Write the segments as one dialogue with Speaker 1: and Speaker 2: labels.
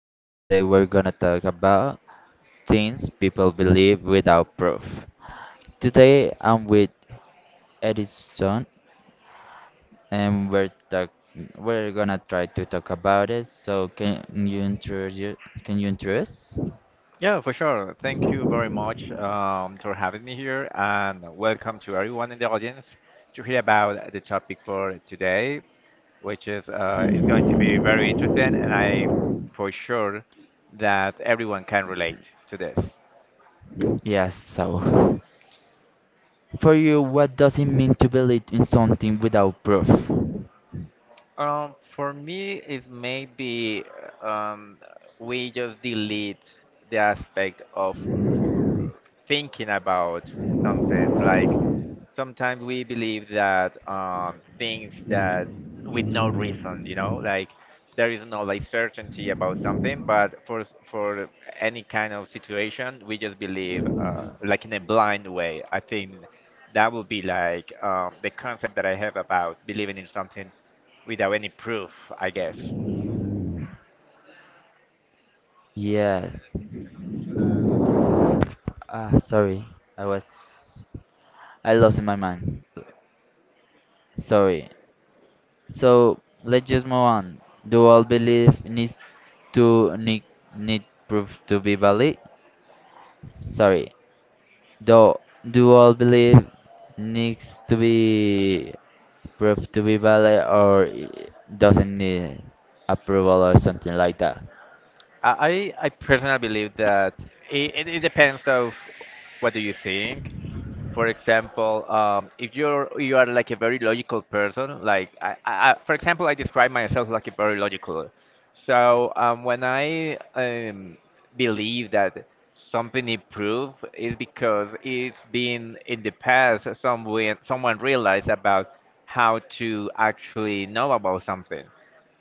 Speaker 1: and today we're gonna talk about things people believe without proof. Today I'm with Edison, and we're gonna try to talk about it. So can you introduce? Can you introduce?
Speaker 2: Yeah, for sure. Thank you very much for having me here, and welcome to everyone in the audience to hear about the topic for today, which is going to be very interesting, and I for sure that everyone can relate to this.
Speaker 1: Yes. So, for you, what does it mean to believe in something without proof?
Speaker 2: For me, is maybe um, we just delete the aspect of thinking about something. Like sometimes we believe that things that with no reason, like there is no like certainty about something, but for any kind of situation, we just believe like in a blind way. I think that would be like the concept that I have about believing in something without any proof, I guess.
Speaker 1: Yes. Ah, sorry, I was I lost my mind. Sorry. So let's just move on. Do all belief to need, need proof to be valid? Sorry. Do do all belief needs to be proof to be valid or doesn't need approval or something like that?
Speaker 2: I personally believe that it depends of what do you think. For example, if you are like a very logical person, like for example, I describe myself like a very logical. So when I believe that something improved is because it's been in the past someone realized about how to actually know about something.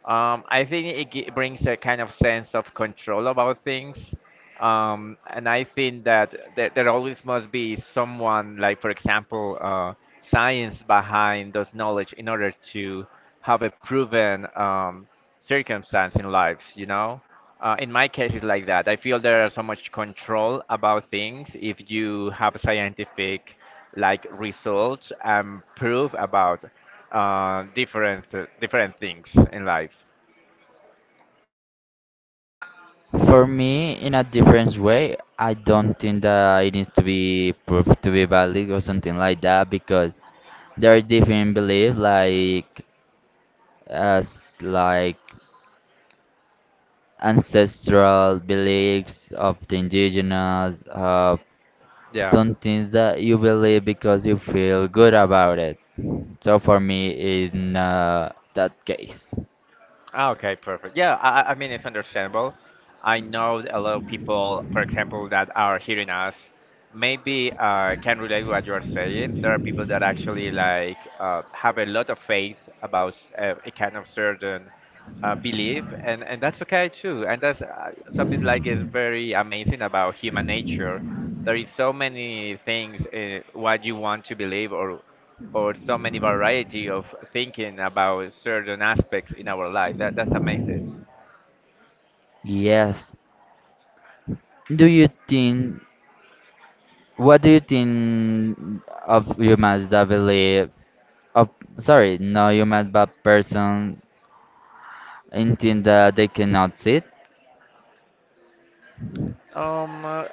Speaker 2: I think it brings a kind of sense of control about things. And I think that there always must be someone, like, for example, science behind those knowledge in order to have a proven circumstance in life, you know? In my case, it's like that. I feel there are so much control about things if you have scientific like results and proof about uh, different different things in life.
Speaker 1: For me, in a different way, I don't think that it needs to be proved to be valid or something like that because there are different beliefs like ancestral beliefs of the indigenous, of
Speaker 2: Yeah.
Speaker 1: some things that you believe because you feel good about it. So for me, it's not that case.
Speaker 2: Ah, okay, perfect. Yeah, I mean, it's understandable. I know a lot of people, for example, that are hearing us, maybe can relate what you are saying. There are people that actually like have a lot of faith about a kind of certain belief, and that's okay too. And that's something like is very amazing about human nature. There is so many things what you want to believe or so many variety of thinking about certain aspects in our life. That's amazing.
Speaker 1: Yes. Do you think? What do you think of humans that believe? Of sorry, no humans, but person in think that they cannot see it?
Speaker 2: Um, uh,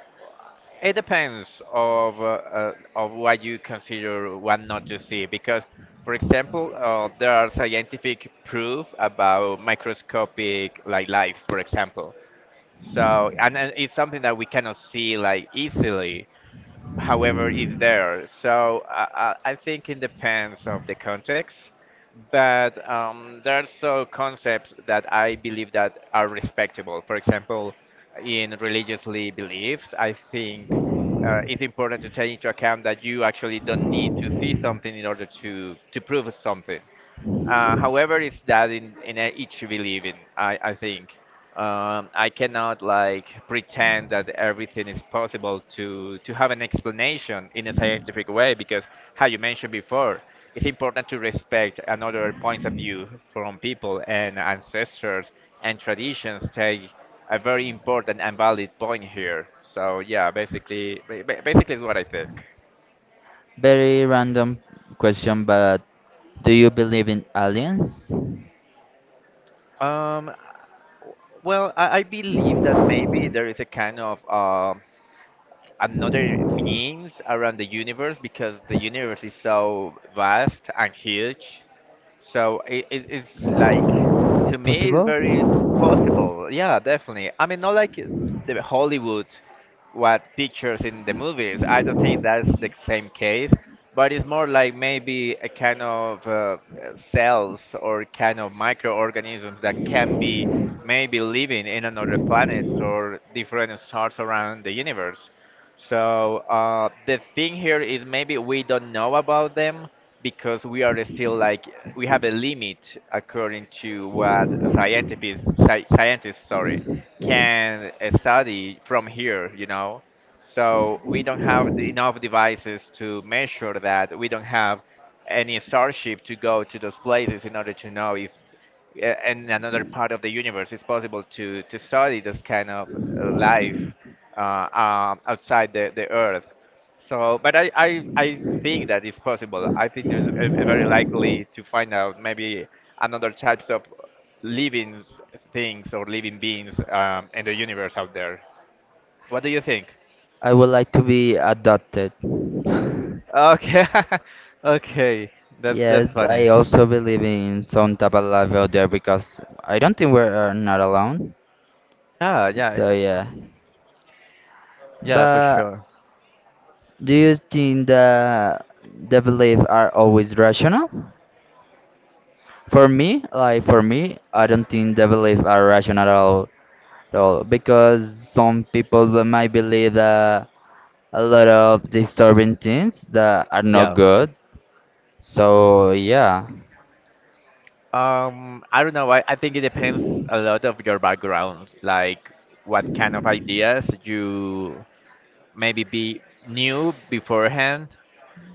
Speaker 2: it depends of what you consider what not to see because, for example, there are scientific proof about microscopic like life, for example. So and it's something that we cannot see like easily. However is there. So I think it depends of the context, but there are so concepts that I believe that are respectable. For example, in religiously beliefs, I think it's important to take into account that you actually don't need to see something in order to prove something. However, it's that each belief in. I think. I cannot like pretend that everything is possible to have an explanation in a scientific way because, how you mentioned before, it's important to respect another point of view from people and ancestors and traditions take a very important and valid point here. So yeah, basically, basically is what I think.
Speaker 1: Very random question, but do you believe in aliens?
Speaker 2: Um, well, I believe that maybe there is a kind of another beings around the universe because the universe is so vast and huge. So it's like to me it's
Speaker 1: Possible?
Speaker 2: very possible. Yeah, definitely. I mean, not like the Hollywood what pictures in the movies. I don't think that's the same case, but it's more like maybe a kind of cells or kind of microorganisms that can be maybe living in another planets or different stars around the universe. So the thing here is maybe we don't know about them because we are still like we have a limit according to what scientists sorry can study from here, you know. So we don't have the, enough devices to measure that. We don't have any starship to go to those places in order to know if in another part of the universe. It's possible to study this kind of life outside the Earth. So, but I think that it's possible. I think there's a very likely to find out maybe another types of living things or living beings in the universe out there. What do you think?
Speaker 1: I would like to be adopted.
Speaker 2: Okay, okay, that's
Speaker 1: Yes, I
Speaker 2: funny.
Speaker 1: also believe in some type of level there because I don't think we're not alone.
Speaker 2: Yeah, yeah,
Speaker 1: So
Speaker 2: yeah,
Speaker 1: yeah.
Speaker 2: yeah, for
Speaker 1: But
Speaker 2: sure.
Speaker 1: do you think that the belief are always rational? Like for me, I don't think the belief are rational at all because some people that might believe that a lot of disturbing things that are not
Speaker 2: Yeah.
Speaker 1: good. So yeah.
Speaker 2: I don't know. I think it depends a lot of your background, like what kind of ideas you maybe be knew beforehand,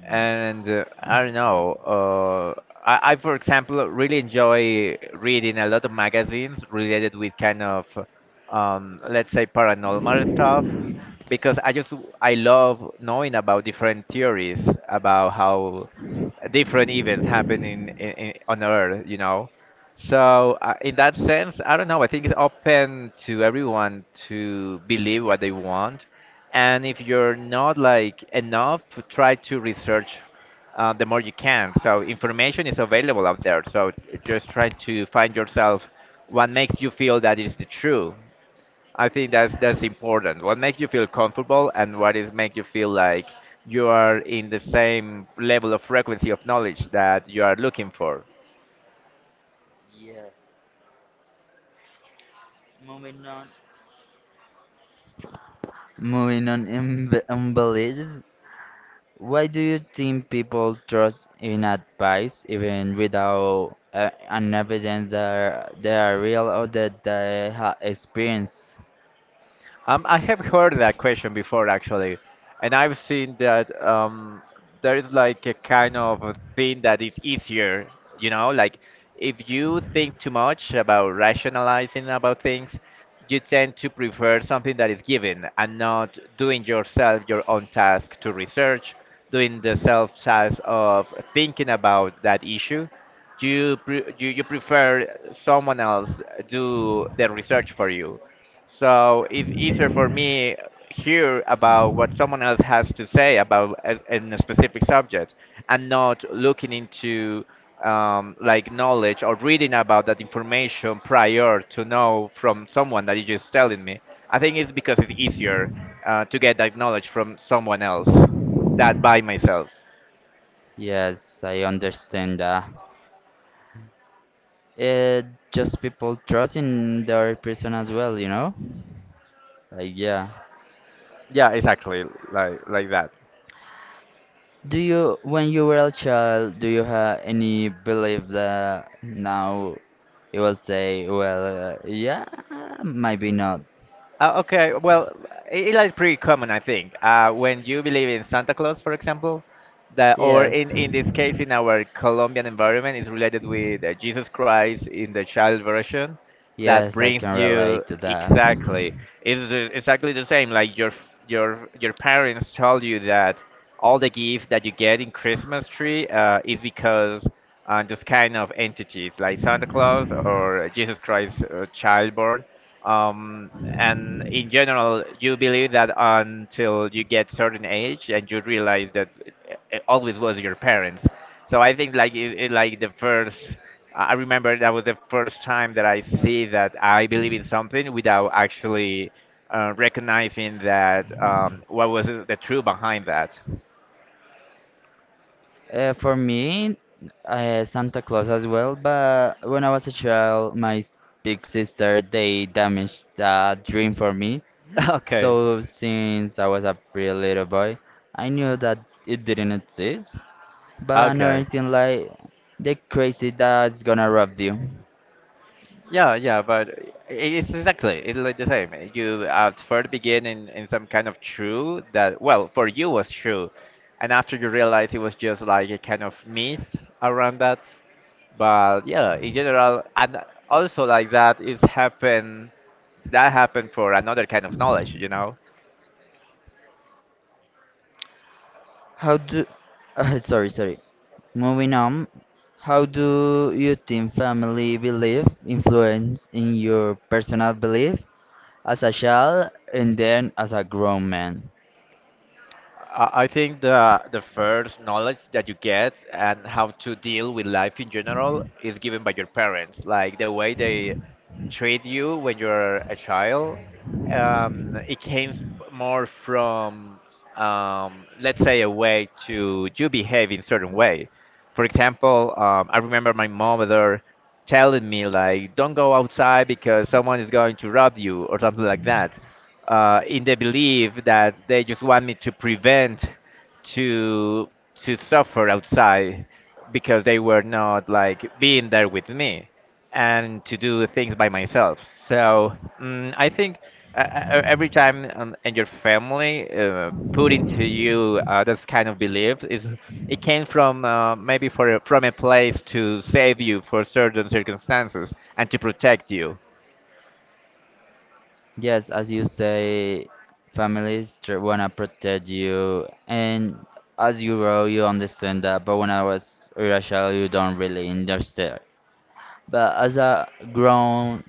Speaker 2: and I don't know. For example, really enjoy reading a lot of magazines related with kind of, let's say, paranormal stuff, because I just I love knowing about different theories about how different events happen in on Earth. You know, so in that sense, I don't know. I think it's open to everyone to believe what they want and if you're not like enough, try to research the more you can. So information is available out there. So just trying to find yourself what makes you feel that is the true. I think that's important. What makes you feel comfortable and what is make you feel like you are in the same level of frequency of knowledge that you are looking for.
Speaker 1: Yes. Moving on. Moving on, embellishes. Why do you think people trust in advice even without an evidence that they are real or that they have experience?
Speaker 2: I have heard that question before actually, and I've seen that there is like a kind of a thing that is easier, you know, like if you think too much about rationalizing about things, you tend to prefer something that is given and not doing yourself your own task to research, doing the self task of thinking about that issue. You prefer someone else do the research for you so it's easier for me hear about what someone else has to say about a, in a specific subject and not looking into like knowledge or reading about that information prior to know from someone that is just telling me. I think it's because it's easier to get that knowledge from someone else that by myself.
Speaker 1: Yes, I understand that. It just people trust in the other person as well, you know? Like, yeah.
Speaker 2: Yeah, exactly, like that.
Speaker 1: Do you, when you were a child, do you have any belief that now you will say, well, yeah, maybe not?
Speaker 2: Okay, well, it's like pretty common, I think. When you believe in Santa Claus, for example, that or
Speaker 1: Yes,
Speaker 2: in this case in our Colombian environment is related with Jesus Christ in the child version, that
Speaker 1: yes, I
Speaker 2: brings
Speaker 1: can
Speaker 2: you
Speaker 1: relate to that.
Speaker 2: exactly. It's exactly the same. Like your your parents told you that all the gift that you get in Christmas tree is because those kind of entities like Santa Claus or Jesus Christ child born. And in general, you believe that until you get certain age and you realize that it always was your parents. So I think like it like the first. I remember that was the first time that I see that I believe in something without actually recognizing that what was the truth behind that.
Speaker 1: For me, Santa Claus as well, but when I was a child, big sister, they damaged that dream for me.
Speaker 2: Okay,
Speaker 1: So since I was a pretty little boy, I knew that it didn't exist. But another
Speaker 2: okay.
Speaker 1: thing like the crazy that's gonna rob you.
Speaker 2: Yeah, yeah, but it's exactly it's like the same. You at first begin in some kind of true that well for you was true, and after you realize it was just like a kind of myth around that. But yeah, in general, and also like that is happen that happened for another kind of knowledge, you know.
Speaker 1: How do... sorry, sorry. Moving on, how do you think family belief influence in your personal belief as a child and then as a grown man?
Speaker 2: I think the first knowledge that you get and how to deal with life in general is given by your parents, like the way they treat you when you're a child. It came more from, let's say, a way to you behave in certain way. For example, I remember my mother telling me like, "Don't go outside because someone is going to rob you" or something like that in the belief that they just want me to prevent to to suffer outside because they were not like being there with me and to do things by myself. So mm, I think every time and your family put into you this kind of belief is it came from maybe for a, from a place to save you for certain circumstances and to protect you.
Speaker 1: Yes, as you say, families wanna protect you, and as you grow, you understand that. But when I was a child, you don't really understand. But as a grown,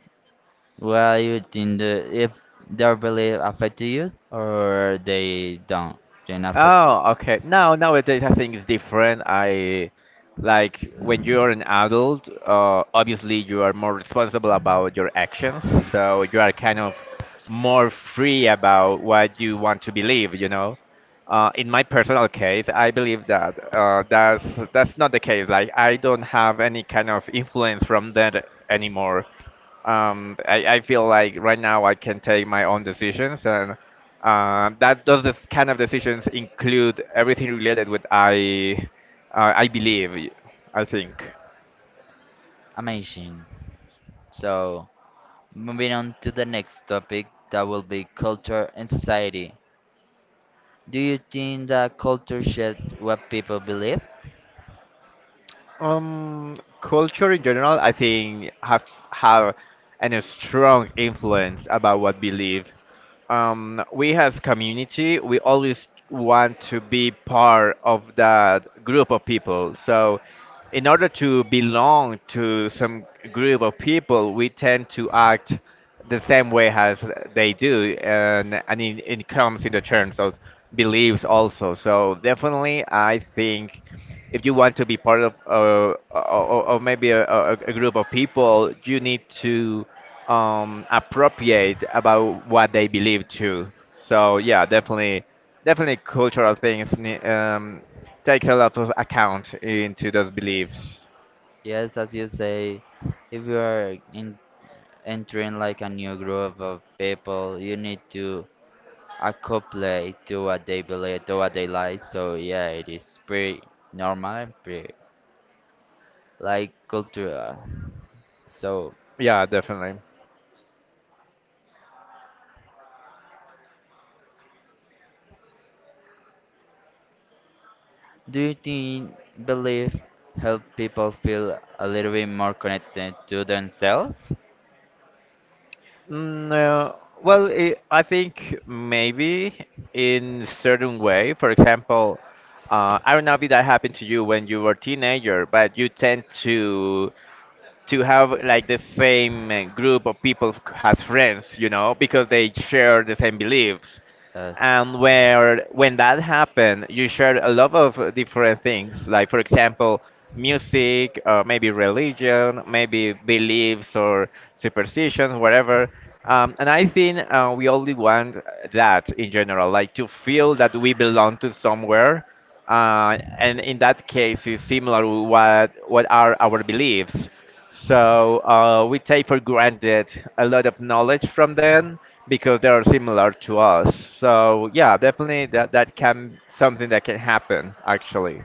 Speaker 1: well, you think that if their belief affect you or they don't, then affect you.
Speaker 2: Oh, okay. Now nowadays I think it's different. I like when you're an adult, obviously you are more responsible about your actions, so you are kind of more free about what you want to believe, you know. In my personal case, I believe that that's not the case. Like I don't have any kind of influence from that anymore. I feel like right now I can take my own decisions, and that those this kind of decisions include everything related with I believe, I think.
Speaker 1: Amazing. So, moving on to the next topic, that will be culture and society. Do you think that culture shapes what people believe?
Speaker 2: Culture in general, I think have an a strong influence about what we live. We as community, we always want to be part of that group of people. So, in order to belong to some group of people, we tend to act the same way as they do, and it comes in the terms of beliefs also. So definitely, I think if you want to be part of or maybe a group of people, you need to appropriate about what they believe too. So yeah, definitely cultural things takes a lot of account into those beliefs.
Speaker 1: Yes, as you say, if you are in, entering like a new group of people, you need to accouple to what they believe, to what they like. So yeah, it is pretty normal, pretty like cultural. So
Speaker 2: Yeah, definitely.
Speaker 1: do you think belief help people feel a little bit more connected to themselves?
Speaker 2: Mm, uh, well, I think maybe in certain way. For example, I don't know if that happened to you when you were a teenager, but you tend to have like the same group of people as friends, you know, because they share the same beliefs.
Speaker 1: Yes,
Speaker 2: And where when that happened, you share a lot of different things, like for example, music, or maybe religion, maybe beliefs or superstitions, whatever. And I think we only want that in general, like to feel that we belong to somewhere and in that case is similar to what are our beliefs, so we take for granted a lot of knowledge from them because they are similar to us. So yeah, definitely that can something that can happen actually.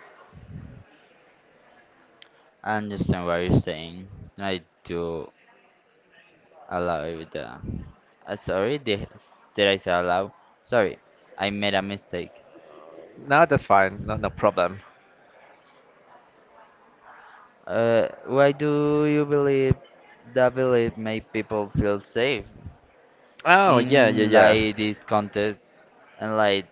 Speaker 1: I understand what you're saying. I do allow it. Sorry, did I say allow? Sorry, I made a mistake.
Speaker 2: No, that's fine. No, no problem.
Speaker 1: Why do you believe that belief make people feel safe
Speaker 2: Oh, yeah, yeah,
Speaker 1: in
Speaker 2: yeah.
Speaker 1: like this context and like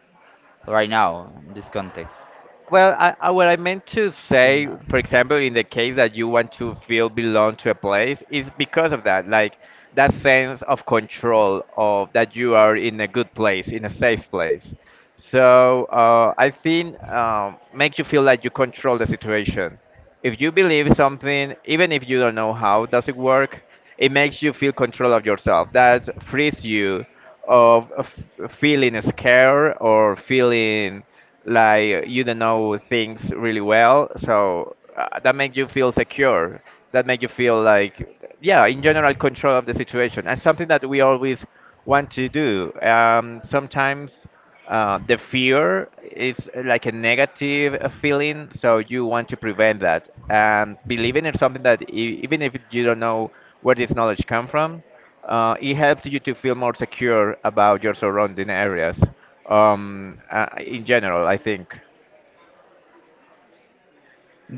Speaker 1: right now in this context?
Speaker 2: Well, what I meant to
Speaker 1: It's
Speaker 2: say,
Speaker 1: enough.
Speaker 2: for example, in the case that you want to feel belong to a place, is because of that, like that sense of control of that you are in a good place, in a safe place. So I think makes you feel like you control the situation. If you believe something, even if you don't know how does it work, it makes you feel control of yourself. That frees you of feeling scared or feeling like you don't know things really well. So that makes you feel secure. That makes you feel like, yeah, in general, control of the situation. And something that we always want to do. Sometimes the fear is like a negative feeling, so you want to prevent that. And believing in something that even if you don't know where this knowledge come from, it helps you to feel more secure about your surrounding areas. In general, I think.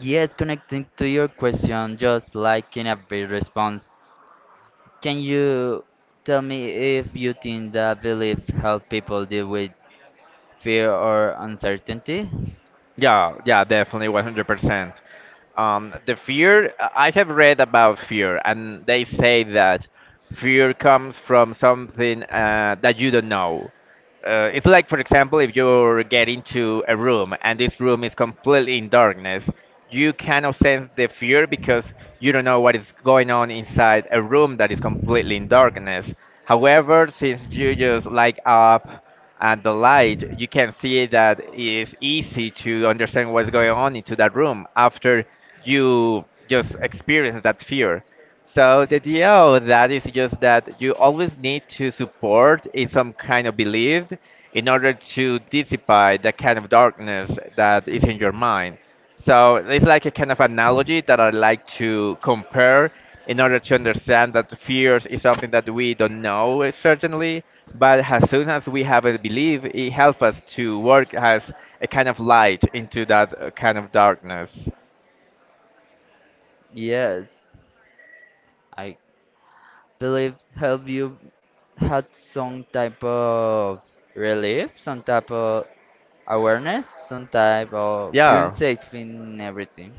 Speaker 1: Yes, connecting to your question, just like in a brief response, can you tell me if you think that belief help people deal with fear or uncertainty?
Speaker 2: Yeah, yeah, definitely, 100%. The fear, I have read about fear, and they say that fear comes from something that you don't know. It's like, for example, if you get into a room and this room is completely in darkness, you cannot sense the fear because you don't know what is going on inside a room that is completely in darkness. However, since you just light up and the light, you can see that it is easy to understand what's going on into that room. After, you just experience that fear. So the deal with that is just that you always need to support in some kind of belief in order to dissipate the kind of darkness that is in your mind. So it's like a kind of analogy that I like to compare in order to understand that fears is something that we don't know, certainly, but as soon as we have a belief, it helps us to work as a kind of light into that kind of darkness.
Speaker 1: Yes, I believe help you had some type of relief, some type of awareness, some type of feeling
Speaker 2: Yeah.
Speaker 1: safe in everything.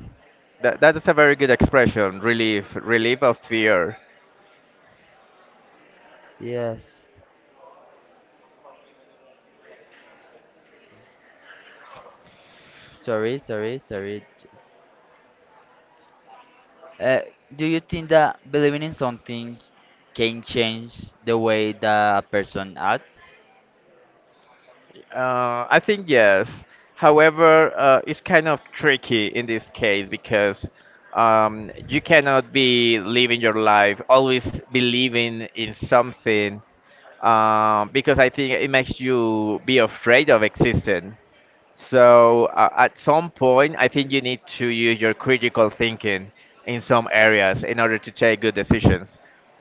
Speaker 2: That is a very good expression, relief, relief of fear.
Speaker 1: Yes. Sorry, sorry, sorry. Just Uh, do you think that believing in something can change the way that a person acts?
Speaker 2: I think yes. However, it's kind of tricky in this case because you cannot be living your life always believing in something, because I think it makes you be afraid of existing. So at some point, I think you need to use your critical thinking in some areas in order to take good decisions,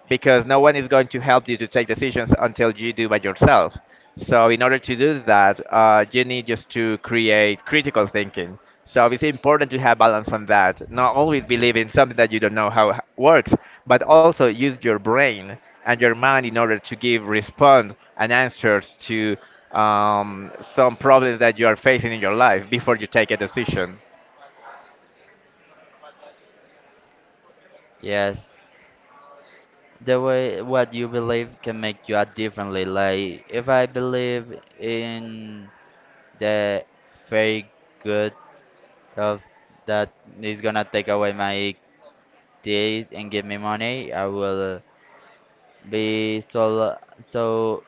Speaker 2: because no one is going to help you to take decisions until you do by yourself. So in order to do that, you need just to create critical thinking. So it's important to have balance on that. Not always believe in something that you don't know how it works, but also use your brain and your mind in order to give response and answers to some problems that you are facing in your life before you take a decision.
Speaker 1: Yes. The way what you believe can make you act differently. Like if I believe in the very good of that is gonna take away my days and give me money, I will be so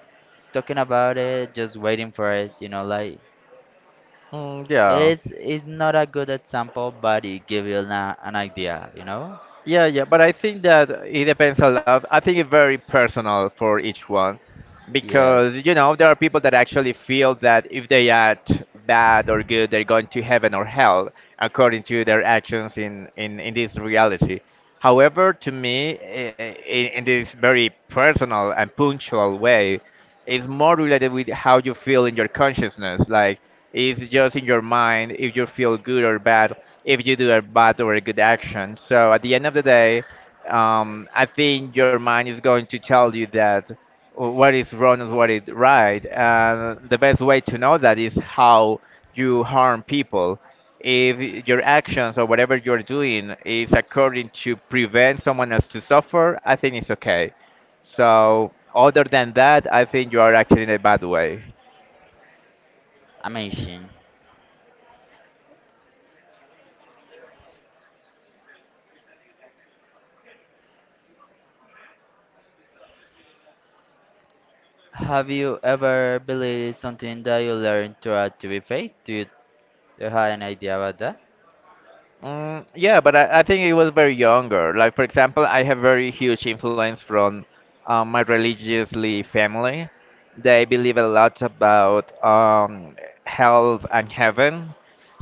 Speaker 1: talking about it, just waiting for it, you know, like
Speaker 2: Mm, yeah.
Speaker 1: it's not a good example, but it gives you na an idea, you know?
Speaker 2: Yeah, yeah, but I think that it depends a lot. I think it's very personal for each one because,
Speaker 1: Yes,
Speaker 2: you know, there are people that actually feel that if they act bad or good, they're going to heaven or hell according to their actions in this reality. However, to me, in this very personal and punctual way, is more related with how you feel in your consciousness. Like, it's just in your mind if you feel good or bad if you do a bad or a good action. So at the end of the day, I think your mind is going to tell you that what is wrong and what is right. And the best way to know that is how you harm people. If your actions or whatever you're doing is according to prevent someone else to suffer, I think it's okay. So other than that, I think you are acting in a bad way.
Speaker 1: amazing. Have you ever believed something that you learned throughout to be faith? Do you have an idea about that?
Speaker 2: Mm, yeah, but I think it was very younger. Like, for example, I have very huge influence from my religiously family. They believe a lot about health and heaven.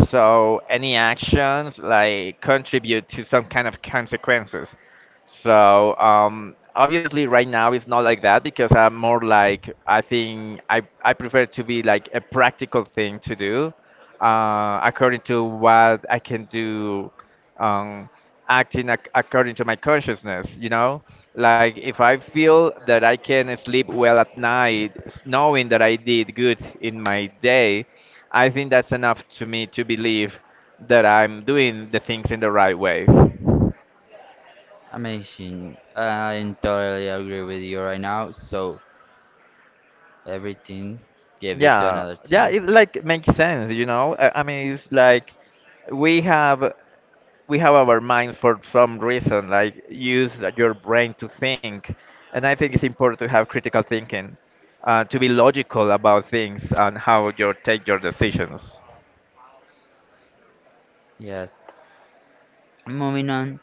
Speaker 2: So any actions like contribute to some kind of consequences. So obviously, right now it's not like that because I'm more like I think I prefer to be like a practical thing to do according to what I can do, um, acting according to my consciousness, you know? Like if I feel that I can sleep well at night, knowing that I did good in my day, I think that's enough to me to believe that I'm doing the things in the right way.
Speaker 1: Amazing. I totally agree with you right now. So everything gave you to
Speaker 2: Yeah,
Speaker 1: another
Speaker 2: yeah,
Speaker 1: thing.
Speaker 2: it like makes sense, you know? I mean, it's like we have we have our minds for some reason, like use your brain to think. And I think it's important to have critical thinking, to be logical about things and how you take your decisions.
Speaker 1: Yes. Moving on.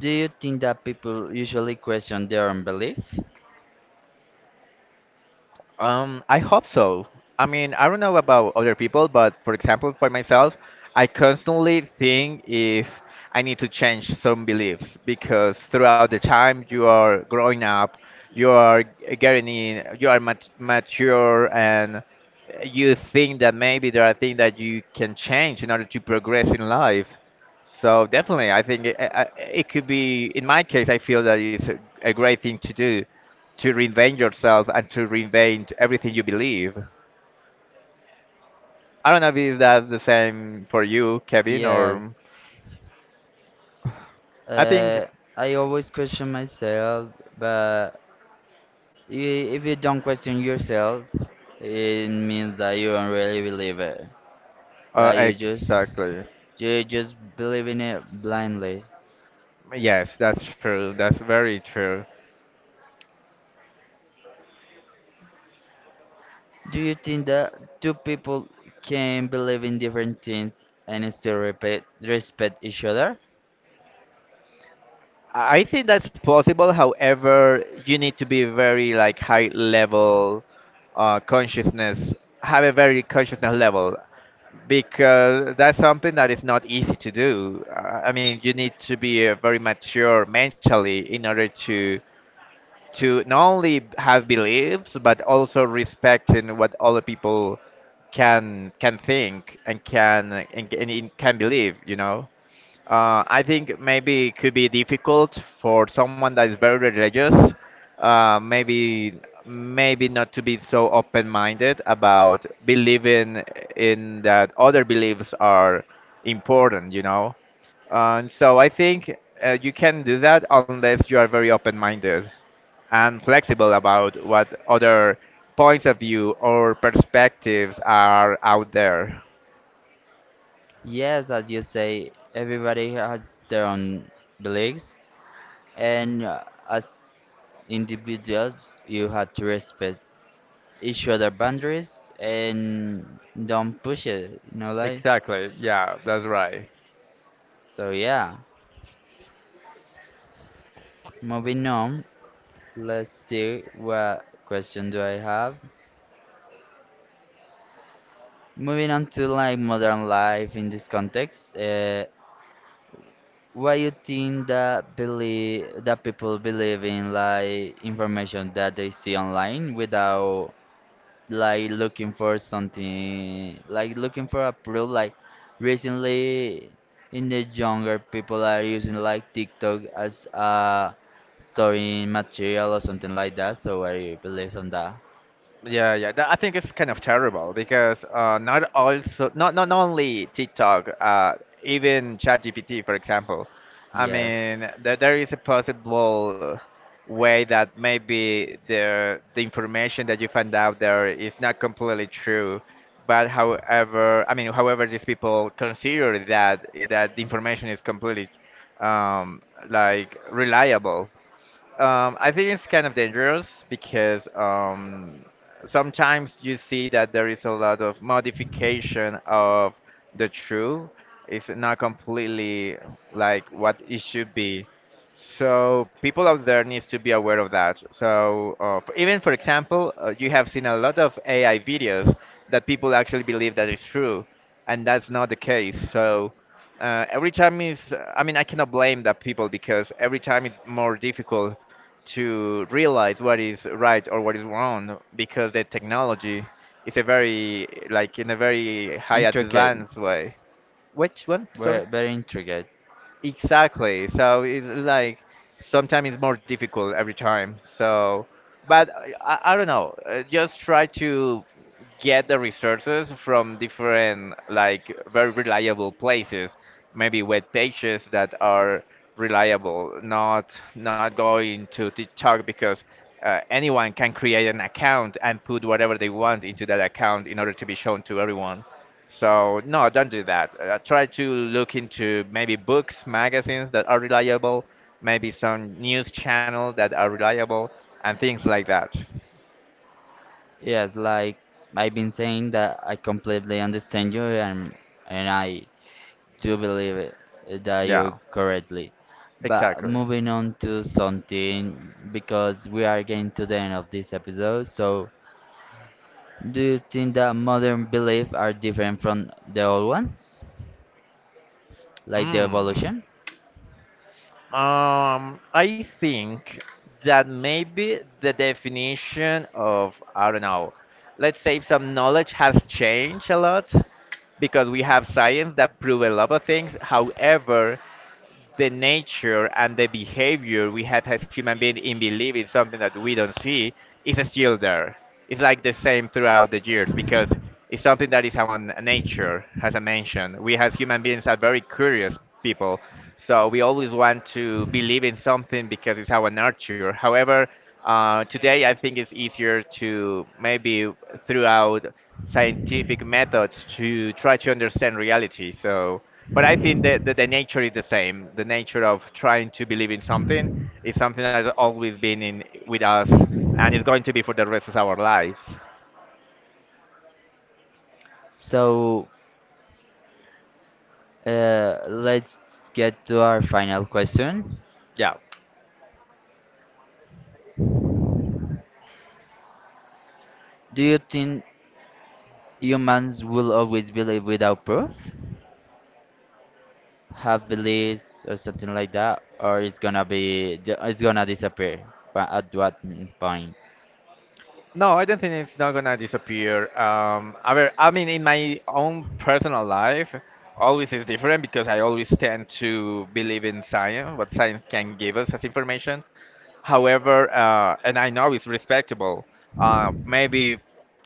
Speaker 1: Do you think that people usually question their own belief?
Speaker 2: I hope so. I mean, I don't know about other people, but for example, for myself, I constantly think if I need to change some beliefs because throughout the time you are growing up, you are getting in, you are mature, and you think that maybe there are things that you can change in order to progress in life. So definitely, I think it, it could be. In my case, I feel that it's a great thing to do to reinvent yourself and to reinvent everything you believe. I don't know if that's the same for you, Kevin, or
Speaker 1: Yes.
Speaker 2: I think
Speaker 1: Uh, I always question myself, but if you don't question yourself, it means that you don't really believe it. That
Speaker 2: exactly.
Speaker 1: you just believe in it blindly.
Speaker 2: Yes, that's true. That's very true.
Speaker 1: Do you think that two people can believe in different things and still respect each other?
Speaker 2: I think that's possible. However, you need to be very like high level consciousness, have a very consciousness level because that's something that is not easy to do. I mean, you need to be very mature mentally in order to not only have beliefs but also respecting what other people can think and can and can believe, you know. I think maybe it could be difficult for someone that is very religious, maybe maybe not to be so open-minded about believing in that other beliefs are important, you know. And so I think you can do that unless you are very open-minded and flexible about what other points of view or perspectives are out there.
Speaker 1: Yes, as you say, everybody has their own beliefs, and as individuals, you have to respect each other boundaries and don't push it, you know, like.
Speaker 2: Exactly. Yeah, that's right.
Speaker 1: So yeah, moving on. Let's see what question do I have. Moving on to like modern life in this context. Why you think that believe that people believe in like information that they see online without like looking for something, like looking for a proof. Like recently, in the younger people are using like TikTok as a storing material or something like that. So I believe on that.
Speaker 2: Yeah, yeah. That, I think it's kind of terrible because not also not not only TikTok, even ChatGPT, for example. I
Speaker 1: Yes,
Speaker 2: mean, there is a possible way that maybe the information that you find out there is not completely true. But however, I mean, however, these people consider that the information is completely um, like reliable. I think it's kind of dangerous because sometimes you see that there is a lot of modification of the true. It's not completely like what it should be. So people out there needs to be aware of that. So even for example, you have seen a lot of AI videos that people actually believe that it's true, and that's not the case. So every time is, I mean, I cannot blame that people because every time it's more difficult to realize what is right or what is wrong because the technology is a very like in a very high
Speaker 1: intricate,
Speaker 2: advanced way. Which one? Sorry.
Speaker 1: very, very intricate.
Speaker 2: Exactly. So it's like sometimes it's more difficult every time. So, but I don't know. Just try to get the resources from different, like very reliable places. Maybe web pages that are reliable. Not not going to TikTok because anyone can create an account and put whatever they want into that account in order to be shown to everyone. So no, don't do that. Try to look into maybe books, magazines that are reliable, maybe some news channel that are reliable, and things like that.
Speaker 1: Yes, like I've been saying that I completely understand you and I to believe it, that you
Speaker 2: Yeah,
Speaker 1: correctly. But
Speaker 2: exactly.
Speaker 1: moving on to something, because we are getting to the end of this episode, so do you think that modern beliefs are different from the old ones? Like the
Speaker 2: Mm.
Speaker 1: evolution?
Speaker 2: I think that maybe the definition of, I don't know, let's say some knowledge has changed a lot because we have science that prove a lot of things. However, the nature and the behavior we have as human beings in believing something that we don't see is still there. It's like the same throughout the years because it's something that is our nature, as I mentioned. We as human beings are very curious people. So we always want to believe in something because it's our nature. However, today I think it's easier to maybe throughout scientific methods to try to understand reality. So, but I think that, that the nature is the same. The nature of trying to believe in something is something that's always been in with us, and it's going to be for the rest of our lives.
Speaker 1: So let's get to our final question.
Speaker 2: Yeah.
Speaker 1: Do you think humans will always believe without proof? Have beliefs or something like that, or it's gonna disappear but at what point?
Speaker 2: No, I don't think it's not gonna disappear. I mean, in my own personal life, always is different because I always tend to believe in science, what science can give us as information. However, and I know it's respectable. Maybe,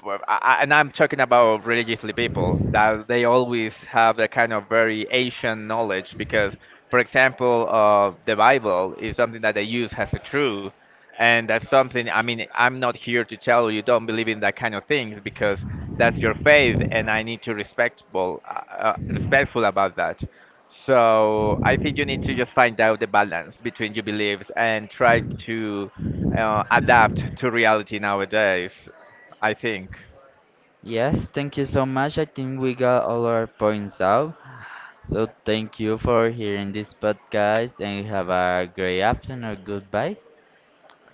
Speaker 2: well, and I'm talking about religiously people that they always have a kind of very Asian knowledge because, for example, the Bible is something that they use as a true, and that's something. I mean, I'm not here to tell you don't believe in that kind of things because that's your faith, and I need to respectable, respectful about that. So I think you need to just find out the balance between your beliefs and try to adapt to reality nowadays. I think.
Speaker 1: Yes, thank you so much. I think we got all our points out. So thank you for hearing this podcast and have a great afternoon. Goodbye.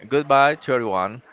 Speaker 2: Goodbye to everyone.